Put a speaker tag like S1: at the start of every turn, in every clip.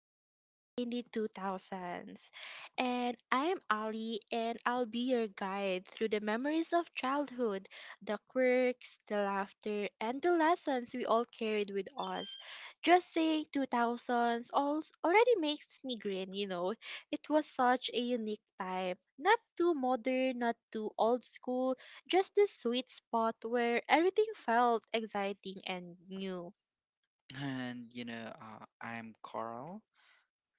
S1: Growing Up in the 2000s. And I'm Ali, and I'll be your guide through the memories of childhood, the quirks, the laughter, and the lessons we all carried with us. Just saying 2000s already makes me grin, you know. It was such a unique time. Not too modern, not too old school, just the sweet spot where everything felt exciting and new.
S2: I'm Carl.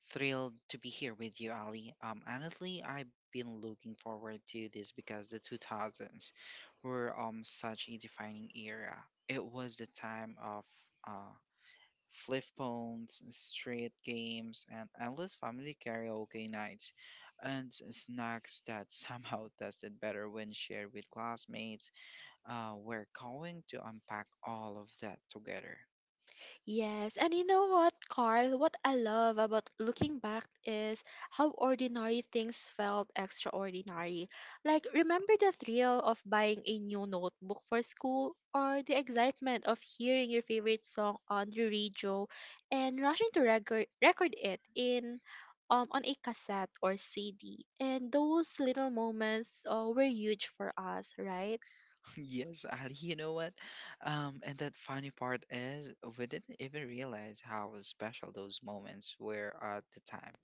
S2: Thrilled to be here with you, Ali. Honestly, I've been looking forward to this because the 2000s were such a defining era. It was the time of uh, flip phones, street games, and endless family karaoke nights, and snacks that somehow tasted better when shared with classmates. We're going to unpack all of that together.
S1: Yes, and you know what, Carl? What I love about looking back is how ordinary things felt extraordinary. Like, remember the thrill of buying a new notebook for school, or the excitement of hearing your favorite song on the radio and rushing to record it in on a cassette or CD. And those little moments were huge for us, right?
S2: Yes, Ali, you know what? And that funny part is we didn't even realize how special those moments were at the time.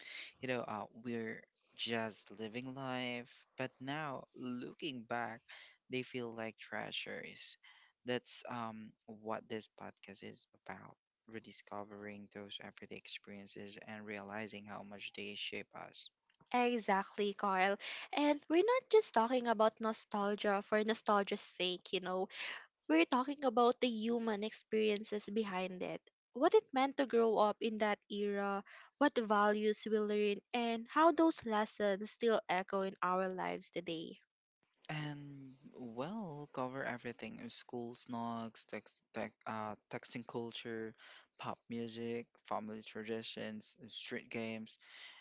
S2: We're just living life, but now looking back, they feel like treasures. That's what this podcast is about, rediscovering those everyday experiences and realizing how much they shape us.
S1: Exactly, Carl. And we're not just talking about nostalgia for nostalgia's sake, you know. We're talking about the human experiences behind it. What it meant to grow up in that era, what values we learned, and how those lessons still echo in our lives today.
S2: And well cover everything, school snogs, tech, texting culture, pop music, family traditions, street games,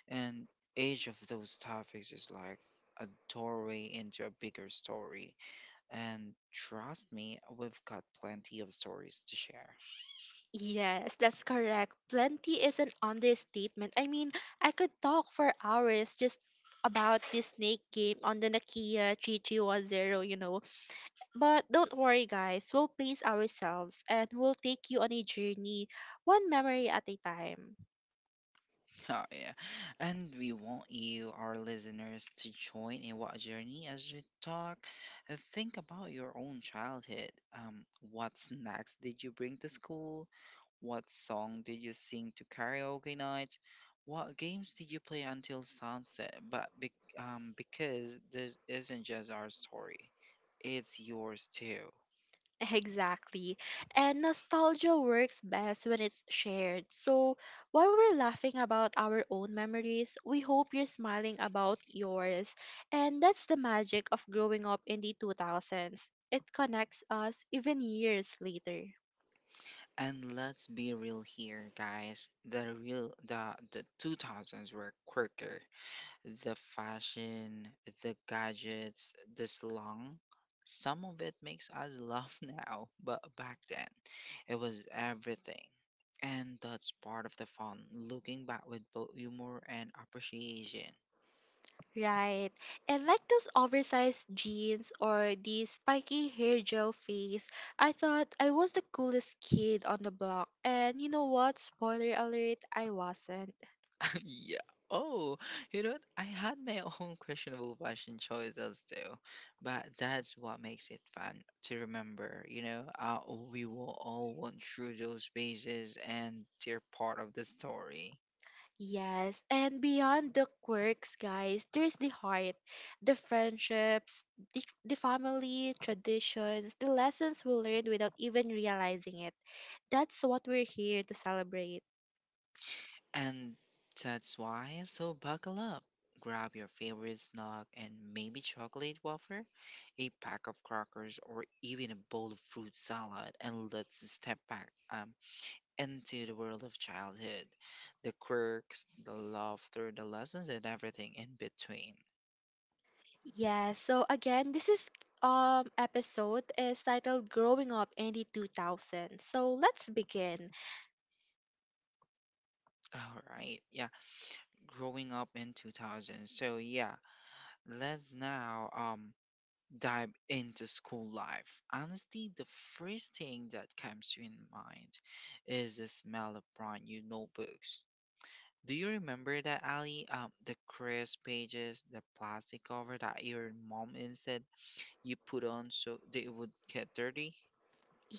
S2: and each of those topics is like a doorway into a bigger story, and trust me, we've got plenty of stories to share.
S1: Yes, that's correct. Plenty is an understatement. I mean, I could talk for hours just about this snake game on the Nokia 3310, you know. But don't worry, guys, we'll pace ourselves and we'll take you on a journey, one memory at a time.
S2: Oh, yeah. And we want you, our listeners, to join in what journey as we talk. Think about your own childhood. What snacks did you bring to school? What song did you sing to karaoke nights? What games did you play until sunset? But be because this isn't just our story, it's yours too.
S1: Exactly. And nostalgia works best when it's shared. So while we're laughing about our own memories, we hope you're smiling about yours. And that's the magic of growing up in the 2000s. It connects us even years later.
S2: And let's be real here, guys. The 2000s were quicker. The fashion, the gadgets, the slang, some of it makes us laugh now, but back then it was everything. And that's part of the fun, looking back with both humor and appreciation.
S1: Right. And like those oversized jeans or the spiky hair gel face, I thought I was the coolest kid on the block. And you know what? Spoiler alert, I wasn't.
S2: Yeah. Oh, you know what? I had my own questionable fashion choices too, but that's what makes it fun to remember. We will all went through those phases, and they're part of the story.
S1: Yes. And beyond the quirks, guys, there's the heart, the friendships, the family, traditions, the lessons we learned without even realizing it. That's what we're here to celebrate.
S2: And so buckle up. Grab your favorite snack, and maybe chocolate wafer, a pack of crackers, or even a bowl of fruit salad, and let's step back into the world of childhood. The quirks, the laughter, the lessons, and everything in between.
S1: Yeah, so again, this is episode is titled Growing Up in the 2000s. So let's begin.
S2: All right, yeah. Growing up in 2000. So yeah, let's now dive into school life. Honestly, the first thing that comes to in mind is the smell of brand new notebooks. Do you remember that, Ali? The crisp pages, the plastic cover that your mom instead you put on so they would get dirty?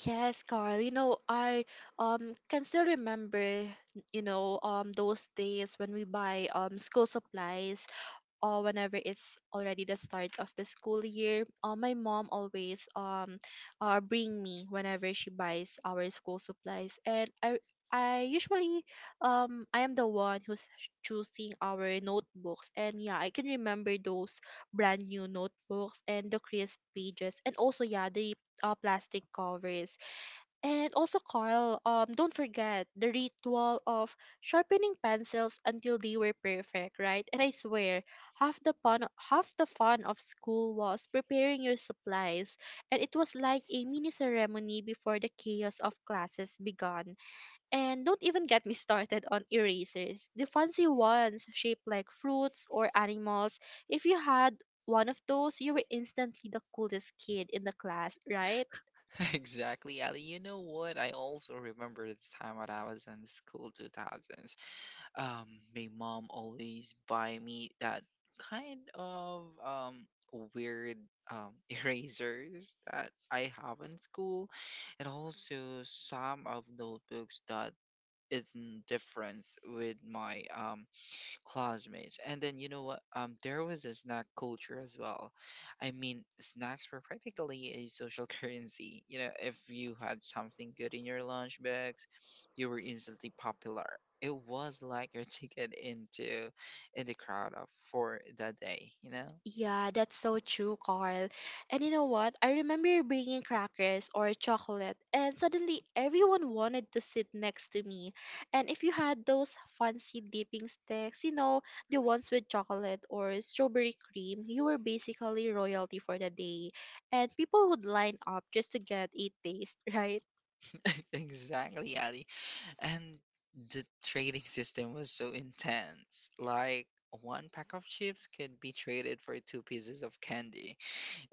S1: Yes, Carl, you know, I can still remember, those days when we buy school supplies. Or whenever it's already the start of the school year, my mom always bring me whenever she buys our school supplies, and I usually I am the one who's choosing our notebooks, and yeah, I can remember those brand new notebooks and the crisp pages, and also yeah the plastic covers. And also, Carl, don't forget the ritual of sharpening pencils until they were perfect, right? And I swear, half the fun of school was preparing your supplies, and it was like a mini ceremony before the chaos of classes began. And don't even get me started on erasers, the fancy ones shaped like fruits or animals. If you had one of those, you were instantly the coolest kid in the class, right?
S2: Exactly, Ali. You know what? I also remember the time when I was in school 2000s. um my mom always buy me that kind of weird erasers that I have in school, and also some of notebooks that is in difference with my classmates. And then you know what? There was a snack culture as well. I mean, snacks were practically a social currency. You know, if you had something good in your lunch bags, you were instantly popular. It was like your ticket into in the crowd of for that day. You know,
S1: Yeah, that's so true, Carl. And you know what? I remember bringing crackers or chocolate, and suddenly everyone wanted to sit next to me. And if you had those fancy dipping sticks, you know, the ones with chocolate or strawberry cream, you were basically royalty for the day. And people would line up just to get a taste, right?
S2: exactly, Ali. And the trading system was so intense. Like, one pack of chips could be traded for two pieces of candy.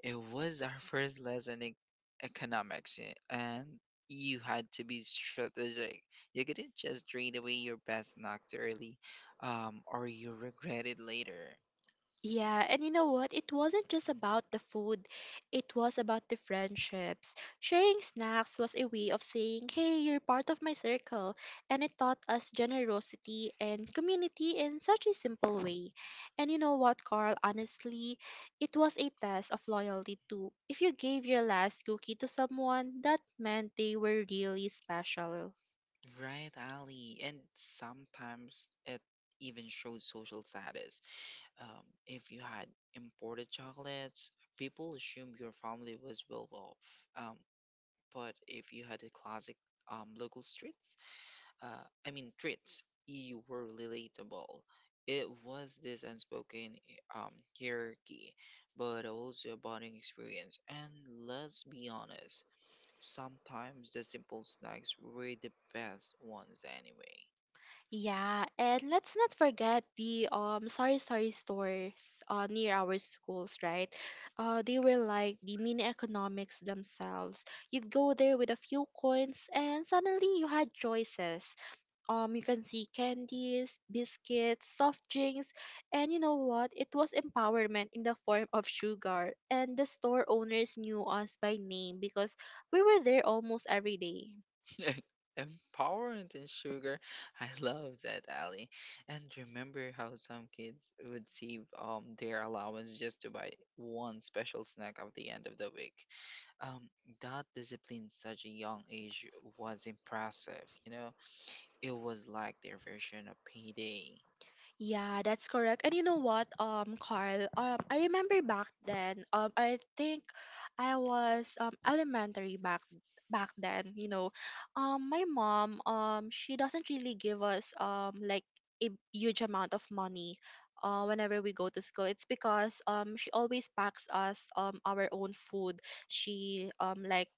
S2: It was our first lesson in economics, and you had to be strategic. You couldn't just trade away your best knocked early, or you regret it later.
S1: Yeah, and you know what? It wasn't just about the food, it was about the friendships. Sharing snacks was a way of saying, hey, you're part of my circle, and it taught us generosity and community in such a simple way. And you know what, Carl? Honestly, it was a test of loyalty too. If you gave your last cookie to someone, that meant they were really special.
S2: Right, Ali. And sometimes it even shows social status. If you had imported chocolates, people assumed your family was well off. But if you had a classic, local street, I mean traits, you were relatable. It was this unspoken hierarchy, but also a bonding experience. And let's be honest, sometimes the simple snacks were the best ones anyway.
S1: Yeah, and let's not forget the sorry stores near our schools, right? Uh, they were like the mini economics themselves. You'd go there with a few coins and suddenly you had choices. Um, you can see candies, biscuits, soft drinks, and you know what? It was empowerment in the form of sugar, and the store owners knew us by name because we were there almost every day.
S2: Empowerment and sugar. I love that, Ali. And remember how some kids would save their allowance just to buy one special snack at the end of the week. Um, that discipline at such a young age was impressive. You know, it was like their version of payday.
S1: Yeah, that's correct. And you know what, Carl, I remember back then, I think I was elementary back then, you know. My mom, she doesn't really give us like a huge amount of money whenever we go to school. It's because she always packs us our own food. She like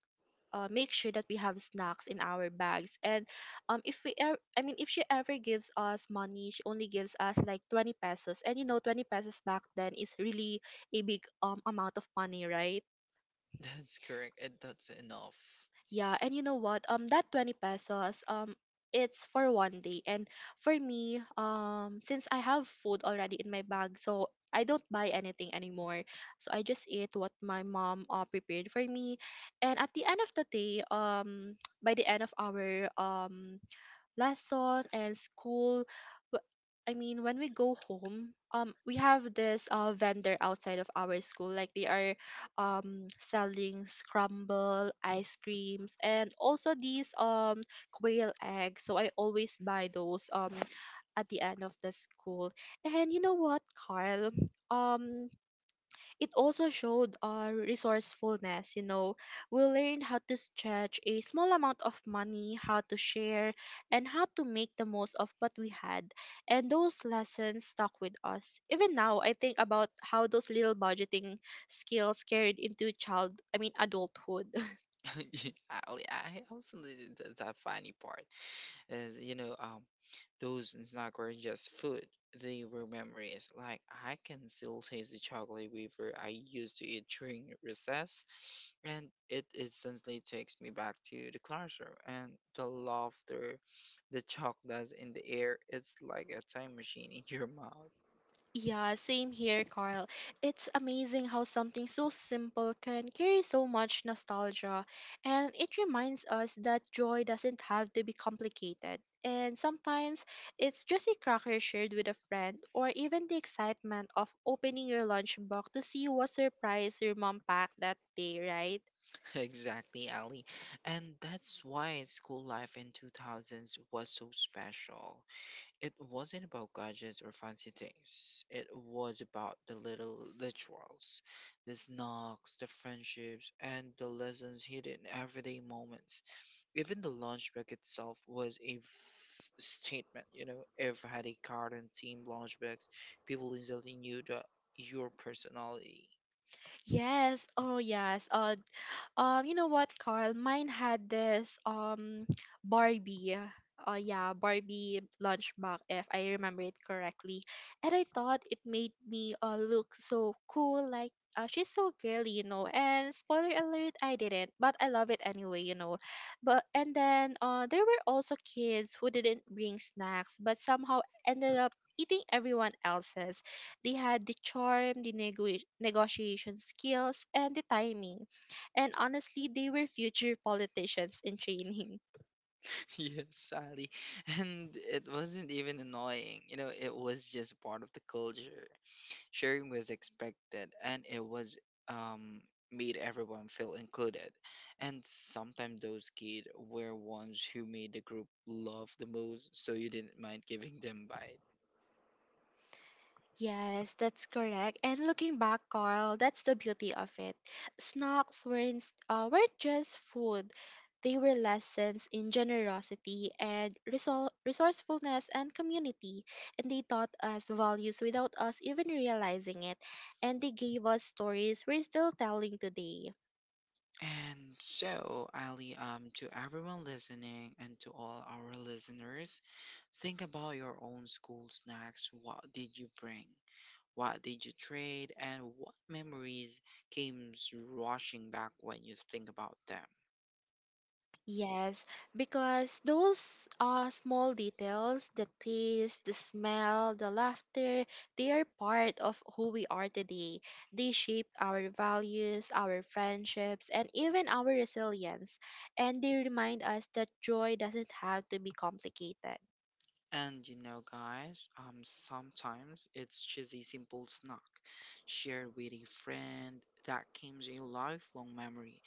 S1: make sure that we have snacks in our bags, and if we I mean if she ever gives us money, she only gives us like 20 pesos. And you know, 20 pesos back then is really a big amount of money, right?
S2: That's correct, and that's enough.
S1: Yeah, and you know what? That 20 pesos, it's for one day. And for me, since I have food already in my bag, so I don't buy anything anymore. So I just eat what my mom prepared for me. And at the end of the day, by the end of our lesson and school, w- I mean when we go home, we have this vendor outside of our school, like they are selling scramble ice creams and also these quail eggs. So I always buy those at the end of the school. And you know what, Carl? Um, it also showed our resourcefulness, you know. We learned how to stretch a small amount of money, how to share, and how to make the most of what we had. And those lessons stuck with us even now. I think about how those little budgeting skills carried into child I mean adulthood.
S2: Yeah, I also did that. Funny part is, you know, those snacks were just food, they were memories. Like, I can still taste the chocolate wafer I used to eat during recess, and it instantly takes me back to the classroom and the laughter, the chocolates in the air. It's like a time machine in your mouth.
S1: Yeah, same here, Carl. It's amazing how something so simple can carry so much nostalgia, and it reminds us that joy doesn't have to be complicated. And sometimes it's just a cracker shared with a friend, or even the excitement of opening your lunchbox to see what surprise your mom packed that day, right?
S2: Exactly, Ali. And that's why school life in 2000s was so special. It wasn't about gadgets or fancy things. It was about the little rituals, the snacks, the friendships, and the lessons hidden in everyday moments. Even the lunch bag itself was a statement, you know. If I had a card and team lunch bags, people instantly knew that your personality.
S1: Yes, oh yes. You know what, Carl? Mine had this Barbie. Oh yeah, Barbie lunchbox, if I remember it correctly. And I thought it made me look so cool, like she's so girly, you know. And spoiler alert, I didn't, but I love it anyway, you know. But and then there were also kids who didn't bring snacks, but somehow ended up eating everyone else's. They had the charm, the negotiation skills, and the timing, and honestly, they were future politicians in training.
S2: Yes, Sally. And it wasn't even annoying. You know, it was just part of the culture. Sharing was expected, and it was um made everyone feel included. And sometimes those kids were ones who made the group love the most, so you didn't mind giving them bite.
S1: Yes, that's correct. And looking back, Carl, that's the beauty of it. Snacks weren't just food, they were lessons in generosity and resourcefulness and community. And they taught us values without us even realizing it. And they gave us stories we're still telling today.
S2: And so, Ali, to everyone listening and to all our listeners, think about your own school snacks. What did you bring? What did you trade, and what memories came rushing back when you think about them?
S1: Yes, because those small details, the taste, the smell, the laughter, they are part of who we are today. They shape our values, our friendships, and even our resilience. And they remind us that joy doesn't have to be complicated.
S2: And you know, guys, sometimes it's just a simple snack shared with a friend that becomes a lifelong memory,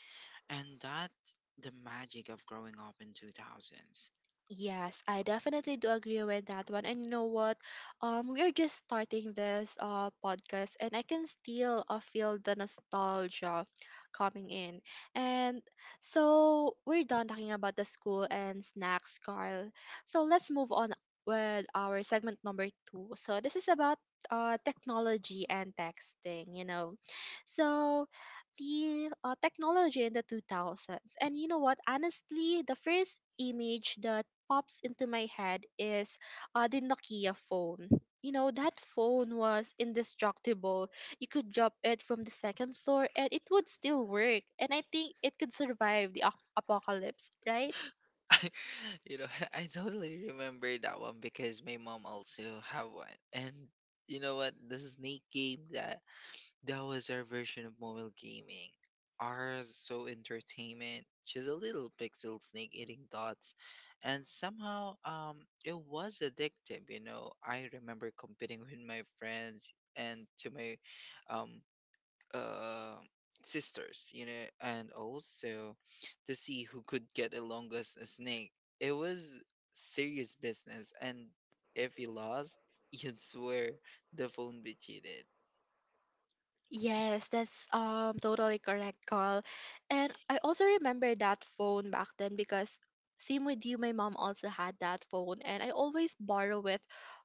S2: and that's the magic of growing up in 2000s.
S1: Yes, I definitely do agree with that one. And you know what? We are just starting this podcast, and I can still feel the nostalgia coming in. And so we're done talking about the school and snacks, Carl. So let's move on with our segment number two. So this is about technology and texting. You know, so the technology in the 2000s. And you know what? Honestly, the first image that pops into my head is the Nokia phone. You know, that phone was indestructible. You could drop it from the second floor and it would still work. And I think it could survive the apocalypse, right?
S2: I, you know, I totally remember that one because my mom also have one. And you know what? The snake game, that that was our version of mobile gaming. Ours so entertainment, just a little pixel snake eating dots, and somehow it was addictive. You know, I remember competing with my friends and to my um uh sisters. You know, and also to see who could get the longest snake. It was serious business, and if you lost, you'd swear the phone be cheated.
S1: Yes, that's totally correct, Carl. And I also remember that phone back then because same with you, my mom also had that phone and I always borrow it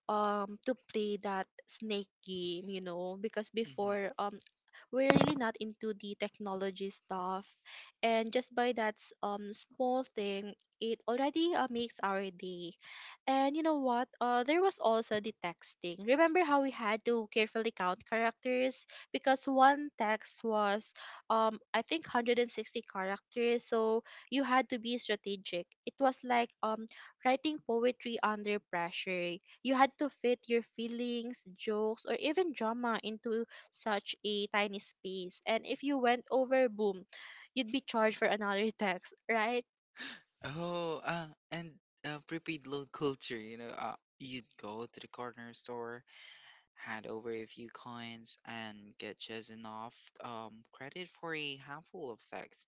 S1: to play that snake game, you know, because
S2: Mm-hmm.
S1: before we're really not into the technology stuff. And just by that small thing, it already makes our day. And you know what? There was also the texting. Remember how we had to carefully count characters because one text was I think 160 characters. So you had to be strategic. It was like writing poetry under pressure. You had to fit your feelings, jokes, or even drama into such a tiny space. And if you went over, boom, you'd be charged for another tax, right?
S2: Oh, and Prepaid loan culture, you know, you'd go to the corner store, hand over a few coins, and get just enough credit for a handful of things.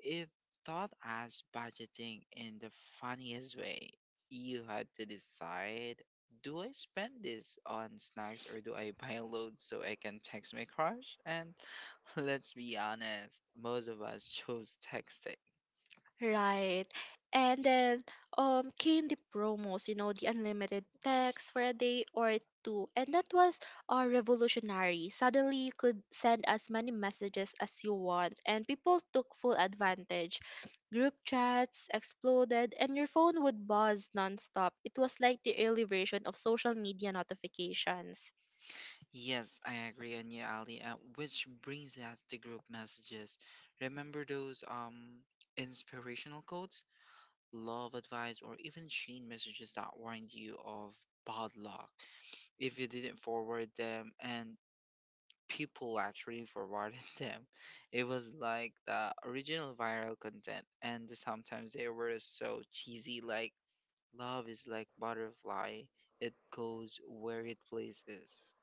S2: It thought as budgeting in the funniest way. You had to decide, do I spend this on snacks, or do I buy loads so I can text my crush? And let's be honest, most of us chose texting.
S1: Right. And then came the promos, you know, the unlimited text for a day or two. And that was revolutionary. Suddenly you could send as many messages as you want, and people took full advantage. Group chats exploded and your phone would buzz nonstop. It was like the early version of social media notifications.
S2: Yes, I agree, and yeah, Ali. Which brings us to group messages. Remember those, inspirational quotes, love advice, or even chain messages that warned you of bad luck if you didn't forward them, and people actually forwarded them. It was like the original viral content, and sometimes they were so cheesy, like, love is like butterfly, it goes where it pleases.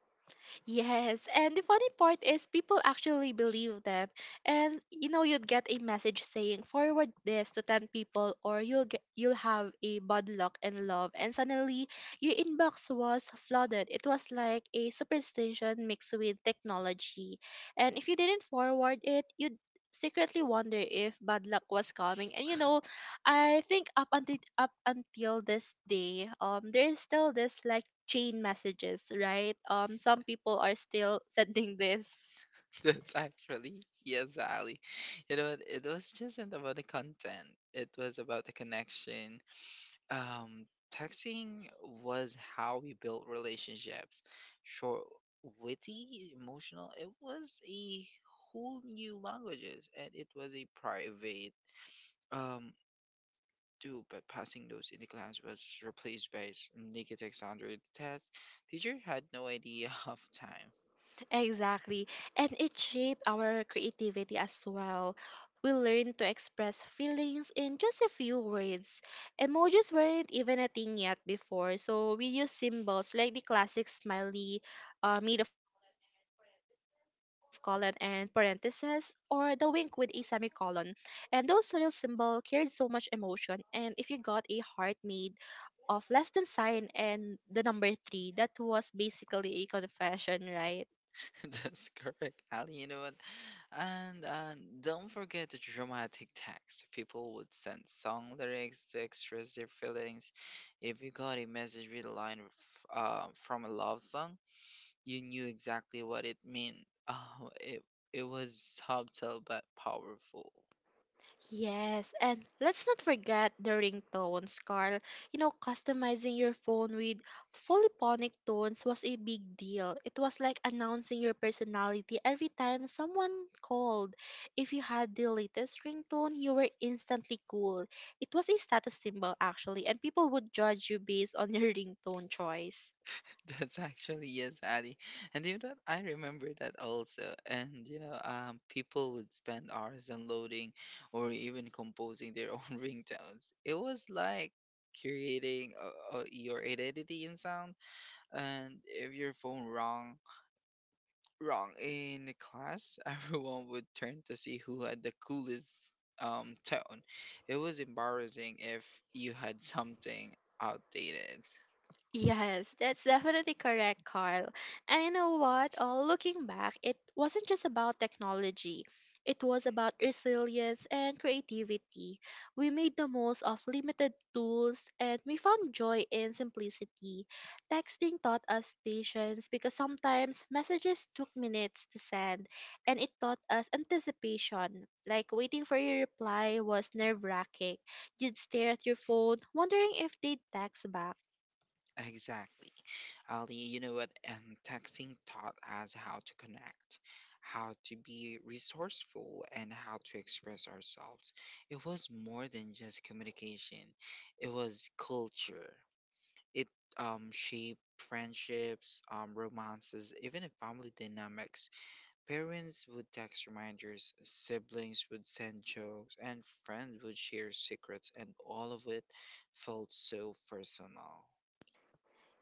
S1: Yes, and the funny part is people actually believe them. And you'd get a message saying forward this to 10 people or you'll have a bad luck and love, and suddenly your inbox was flooded. It was like a superstition mixed with technology. And if you didn't forward it, you'd secretly wonder if bad luck was coming, and I think up until this day, there is still this like chain messages, right? Some people are still sending this.
S2: That's actually yes, Ali. You know, it was just not about the content. It was about the connection. Um, Texting was how we built relationships. Short, witty, emotional. It was a whole new languages, and it was a private um do. But passing those in the class was replaced by negative standard test. Teacher had no idea of time.
S1: Exactly. And it shaped our creativity as well. We learned to express feelings in just a few words. Emojis weren't even a thing yet before, so we used symbols like the classic smiley, made of colon and parentheses, or the wink with a semicolon. And those little symbols carried so much emotion. And if you got a heart made of less than sign and the number three, that was basically a confession, right?
S2: That's correct, Ali. You know what? And Don't forget the dramatic text. People would send song lyrics to express their feelings. If you got a message with a line from a love song, you knew exactly what it meant. Oh, it was subtle but powerful.
S1: Yes, and let's not forget the ringtones, Carl. You know, customizing your phone with polyphonic tones was a big deal. It was like announcing your personality every time someone called. If you had the latest ringtone, you were instantly cool. It was a status symbol, actually, and people would judge you based on your ringtone choice.
S2: That's actually yes, Addy. And you know what? I remember that also. And you know, people would spend hours downloading or even composing their own ringtones. It was like creating your identity in sound. And if your phone rang wrong in the class, everyone would turn to see who had the coolest tone. It was embarrassing if you had something outdated.
S1: Yes, that's definitely correct, Carl. And you know what? Looking back, it wasn't just about technology, it was about resilience and creativity. We made the most of limited tools, and we found joy in simplicity. Texting taught us patience because sometimes messages took minutes to send, and it taught us anticipation. Like waiting for your reply was nerve wracking. You'd stare at your phone, wondering if they'd text back.
S2: Exactly. Ali, you know what? Texting taught us how to connect, how to be resourceful, and how to express ourselves. It was more than just communication, it was culture. It shaped friendships, romances, even in family dynamics. Parents would text reminders, siblings would send jokes, and friends would share secrets, and all of it felt so personal.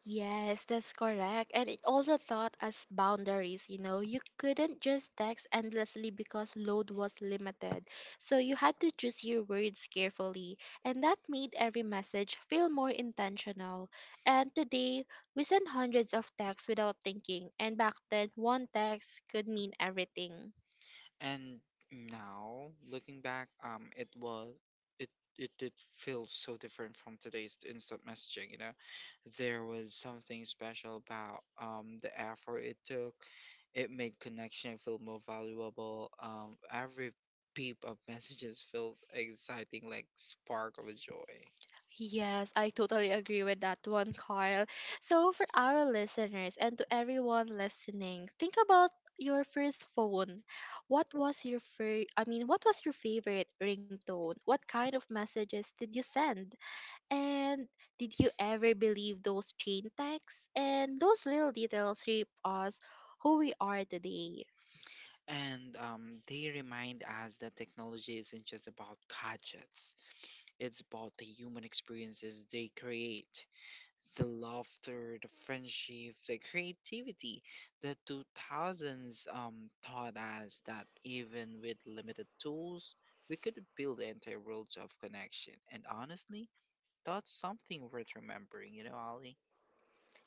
S1: Yes, that's correct. And it also taught us boundaries. You know, you couldn't just text endlessly because load was limited. So you had to choose your words carefully. And that made every message feel more intentional. And today, we send hundreds of texts without thinking. And back then, one text could mean everything.
S2: And now, looking back, it was it it did feel so different from today's instant messaging. You know, there was something special about the effort it took. It made connection feel more valuable. Every peep of messages felt exciting, like spark of a joy.
S1: Yes, I totally agree with that one, Carl. So, for our listeners and to everyone listening, think about your first phone. What was your fir- I mean, what was your favorite ringtone? What kind of messages did you send? And did you ever believe those chain texts? And those little details shape us who we are today.
S2: And They remind us that technology isn't just about gadgets. It's about the human experiences they create. The laughter, the friendship, the creativity, the 2000s taught us that even with limited tools, we could build entire worlds of connection. And honestly, that's something worth remembering, you know, Ali?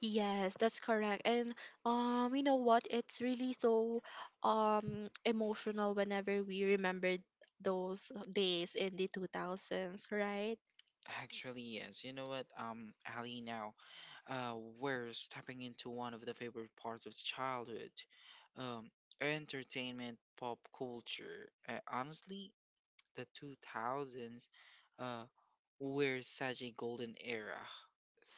S1: Yes, that's correct. And you know what? It's really so emotional whenever we remember those days in the 2000s, right?
S2: Actually, yes. You know what, Ali, now uh, we're stepping into one of the favorite parts of childhood, um, entertainment, pop culture. Honestly, the 2000s uh, were such a golden era.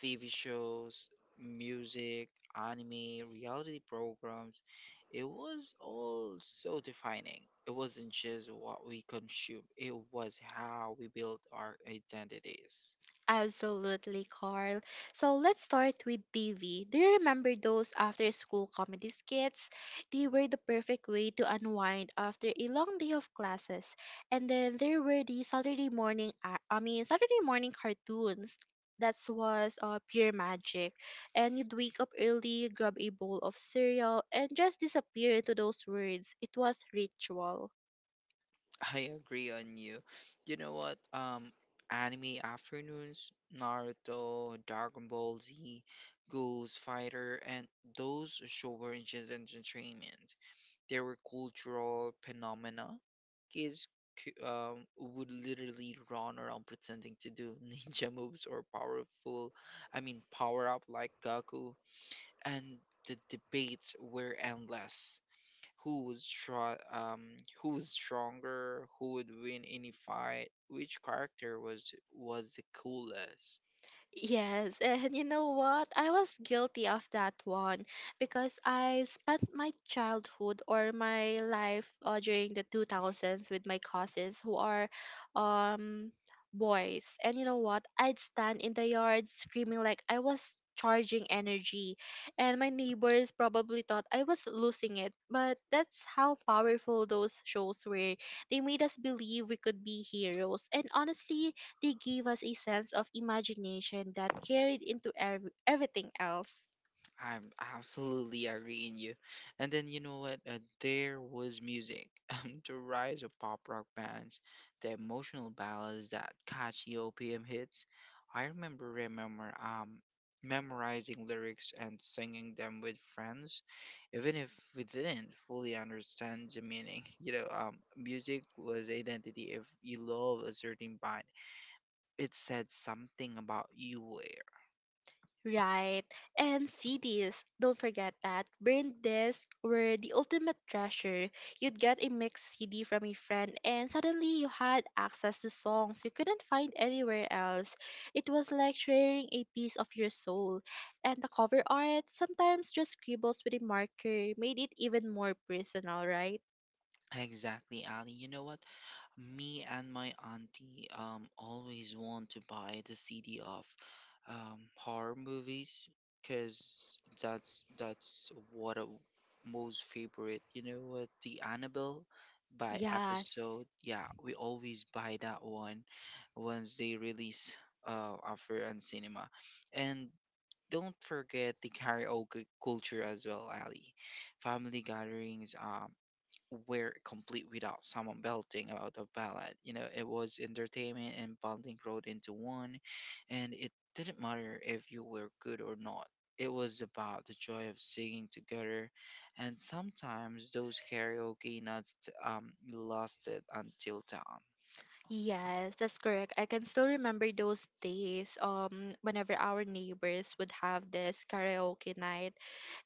S2: TV shows, music, anime, reality programs, it was all so defining. It wasn't just what we consume, it was how we built our identities.
S1: Absolutely, Carl. So let's start with TV. Do you remember those after school comedy skits? They were the perfect way to unwind after a long day of classes. And then there were the Saturday morning I mean Saturday morning cartoons. That was pure magic. And you'd wake up early, grab a bowl of cereal, and just disappear into those words. It was ritual.
S2: I agree on you. You know what? Anime afternoons, Naruto, Dragon Ball Z, Ghost Fighter, and those show were just entertainment. There were cultural phenomena. Kids would literally run around pretending to do ninja moves or powerful, I mean, power up like Goku. And the debates were endless. Who was str- um, who was stronger? Who would win any fight? Which character was the coolest?
S1: Yes, and you know what? I was guilty of that one because I spent my childhood or my life during the 2000s with my cousins who are um boys. And you know what? I'd stand in the yard screaming like I was charging energy, and my neighbors probably thought I was losing it. But that's how powerful those shows were. They made us believe we could be heroes. And honestly, they gave us a sense of imagination that carried into everything else.
S2: I'm absolutely agreeing you. And then you know what? There was music, the rise of pop rock bands, the emotional ballads, that catchy OPM hits. I remember memorizing lyrics and singing them with friends, even if we didn't fully understand the meaning. You know, music was identity. If you love a certain band, it said something about you. Where
S1: Right. And CDs, don't forget that. Brain discs were the ultimate treasure. You'd get a mixed CD from a friend, and suddenly you had access to songs you couldn't find anywhere else. It was like sharing a piece of your soul. And the cover art, sometimes just scribbles with a marker, made it even more personal, right?
S2: exactly, Ali. You know what? Me and my auntie always want to buy the CD of horror movies because that's what a most favorite. You know what? The Annabelle by
S1: Yes.
S2: episode. Yeah, we always buy that one once they release after on cinema, and don't forget the karaoke culture as well, Ali. Family gatherings, were complete without someone belting out a ballad. You know, it was entertainment and bonding rolled into one, and it didn't matter if you were good or not. It was about the joy of singing together, and sometimes those karaoke nights, lasted until dawn.
S1: Yes, that's correct. I can still remember those days whenever our neighbors would have this karaoke night.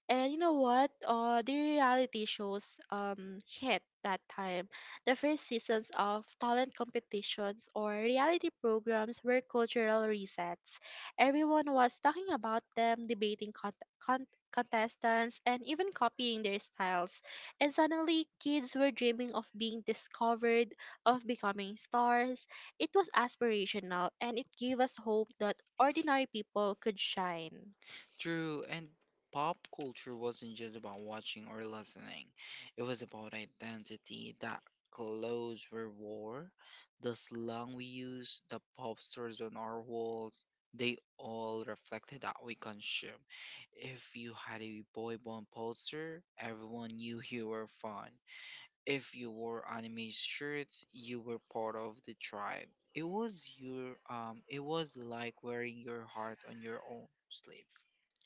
S1: And you know what? The reality shows hit that time. The first seasons of talent competitions or reality programs were cultural resets. Everyone was talking about them, debating contestants, and even copying their styles. And suddenly, kids were dreaming of being discovered, of becoming stars. It was aspirational, and it gave us hope that ordinary people could shine.
S2: True, and pop culture wasn't just about watching or listening. It was about identity. That clothes we wore, the slang we used, the pop stars on our walls, they all reflected that we consume. If you had a boy band poster, everyone knew you were fun. If you wore anime shirts, you were part of the tribe. It was your it was like wearing your heart on your own sleeve.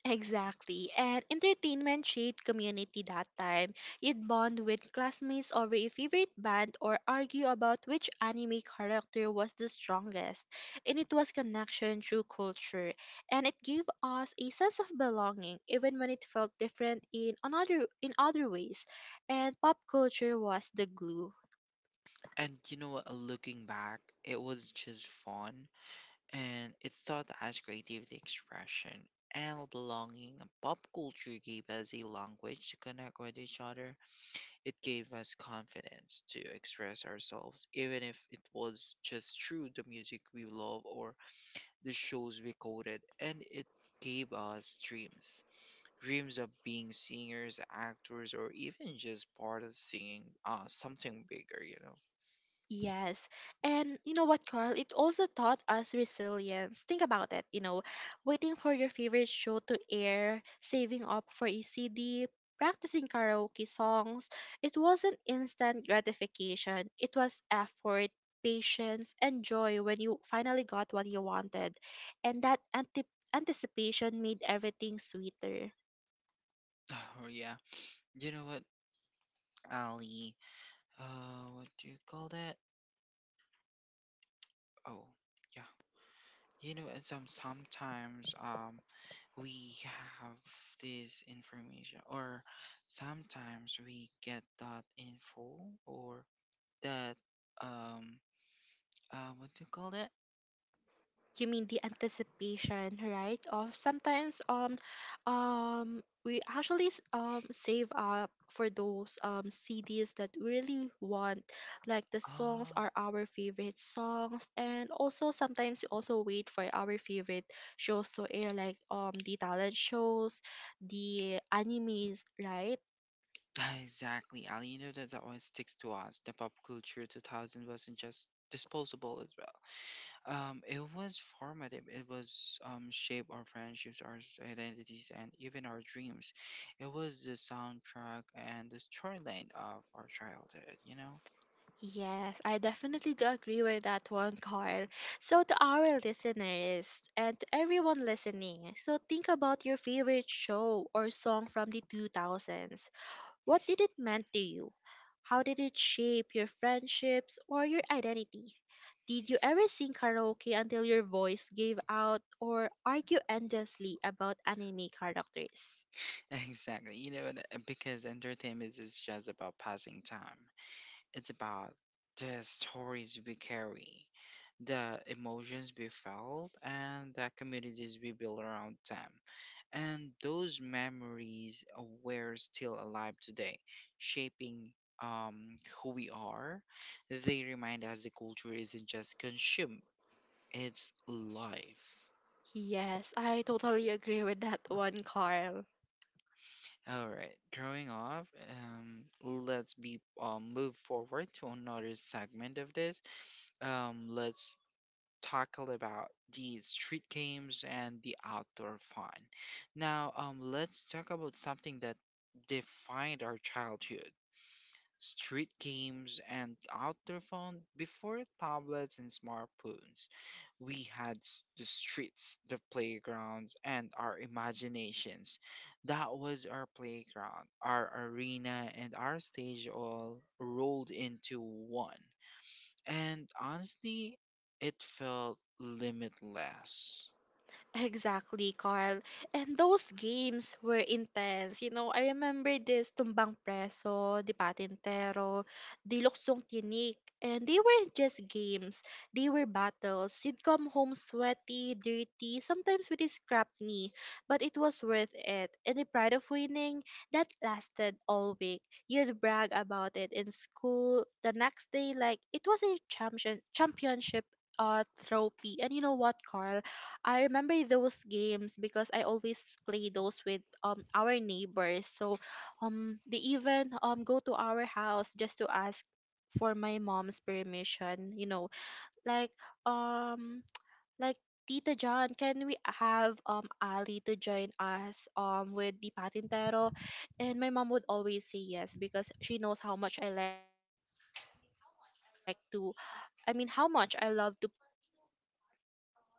S1: Exactly. And entertainment shaped community that time. You'd bond with classmates over a favorite band or argue about which anime character was the strongest. And it was connection through culture. And it gave us a sense of belonging even when it felt different in another in other ways. And pop culture was the glue.
S2: And you know what? Looking back, it was just fun, and it taught us creativity, expression, and belonging. Pop culture gave us a language to connect with each other. It gave us confidence to express ourselves, even if it was just through the music we love or the shows we quoted. And it gave us dreams of being singers, actors, or even just part of singing something bigger, you know?
S1: Yes. And you know what, Carl? It also taught us resilience. Think about it, waiting for your favorite show to air, saving up for a CD, practicing karaoke songs. It wasn't instant gratification, it was effort, patience, and joy when you finally got what you wanted. And that antip anticipation made everything sweeter.
S2: Oh, yeah. You know what, Ali? What do you call that? Oh, yeah. You know, and sometimes we have this information, or sometimes we get that info or that um what do you call that?
S1: You mean the anticipation, right, of sometimes we actually save up for those CDs that we really want, like the songs
S2: Oh,
S1: are our favorite songs. And also sometimes we also wait for our favorite shows to air, like the talent shows, the animes, right?
S2: exactly, Ali. You know that always sticks to us. The pop culture 2000 wasn't just disposable. It was formative. It was shaped our friendships, our identities, and even our dreams. It was the soundtrack and the storyline of our childhood. You know,
S1: Yes, I definitely do agree with that one, Carl. So, to our listeners and to everyone listening, so think about your favorite show or song from the 2000s. What did it mean to you? How did it shape your friendships or your identity? Did you ever sing karaoke until your voice gave out or argue endlessly about anime characters?
S2: exactly. You know and because entertainment is just about passing time. It's about the stories we carry, the emotions we felt, and the communities we build around them. And those memories, were still alive today, shaping, who we are. They remind us the culture isn't just consume, it's life.
S1: Yes, I totally agree with that one, Carl.
S2: All right, growing up, let's be move forward to another segment of this. Let's tackle about the street games and the outdoor fun. Now, let's talk about something that defined our childhood. Street games and outdoor fun before tablets and smartphones. We had the streets, the playgrounds, and our imaginations. That was our playground, our arena, and our stage all rolled into one. And honestly, it felt limitless.
S1: Exactly, Carl. And those games were intense. You know, I remember this Tumbang Preso, the Patintero, the Luksong Tinik. And they weren't just games. They were battles. You'd come home sweaty, dirty, sometimes with a scrapped knee. But it was worth it. And the pride of winning, that lasted all week. You'd brag about it in school the next day like it was a championship trophy. And you know what, Carl? I remember those games because I always play those with our neighbors. So they even go to our house just to ask for my mom's permission. Like um like Tita John, can we have Ali to join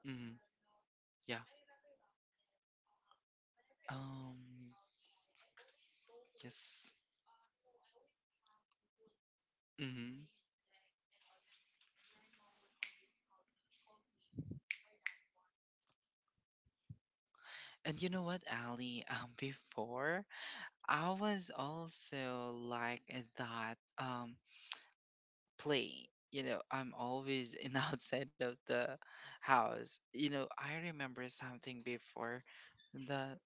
S2: Hmm. Yeah. Um. Yes. Hmm. And you know what, Ali? Before I was also like that. Play. You know, I'm always in outside of the house. You know, I remember something before the.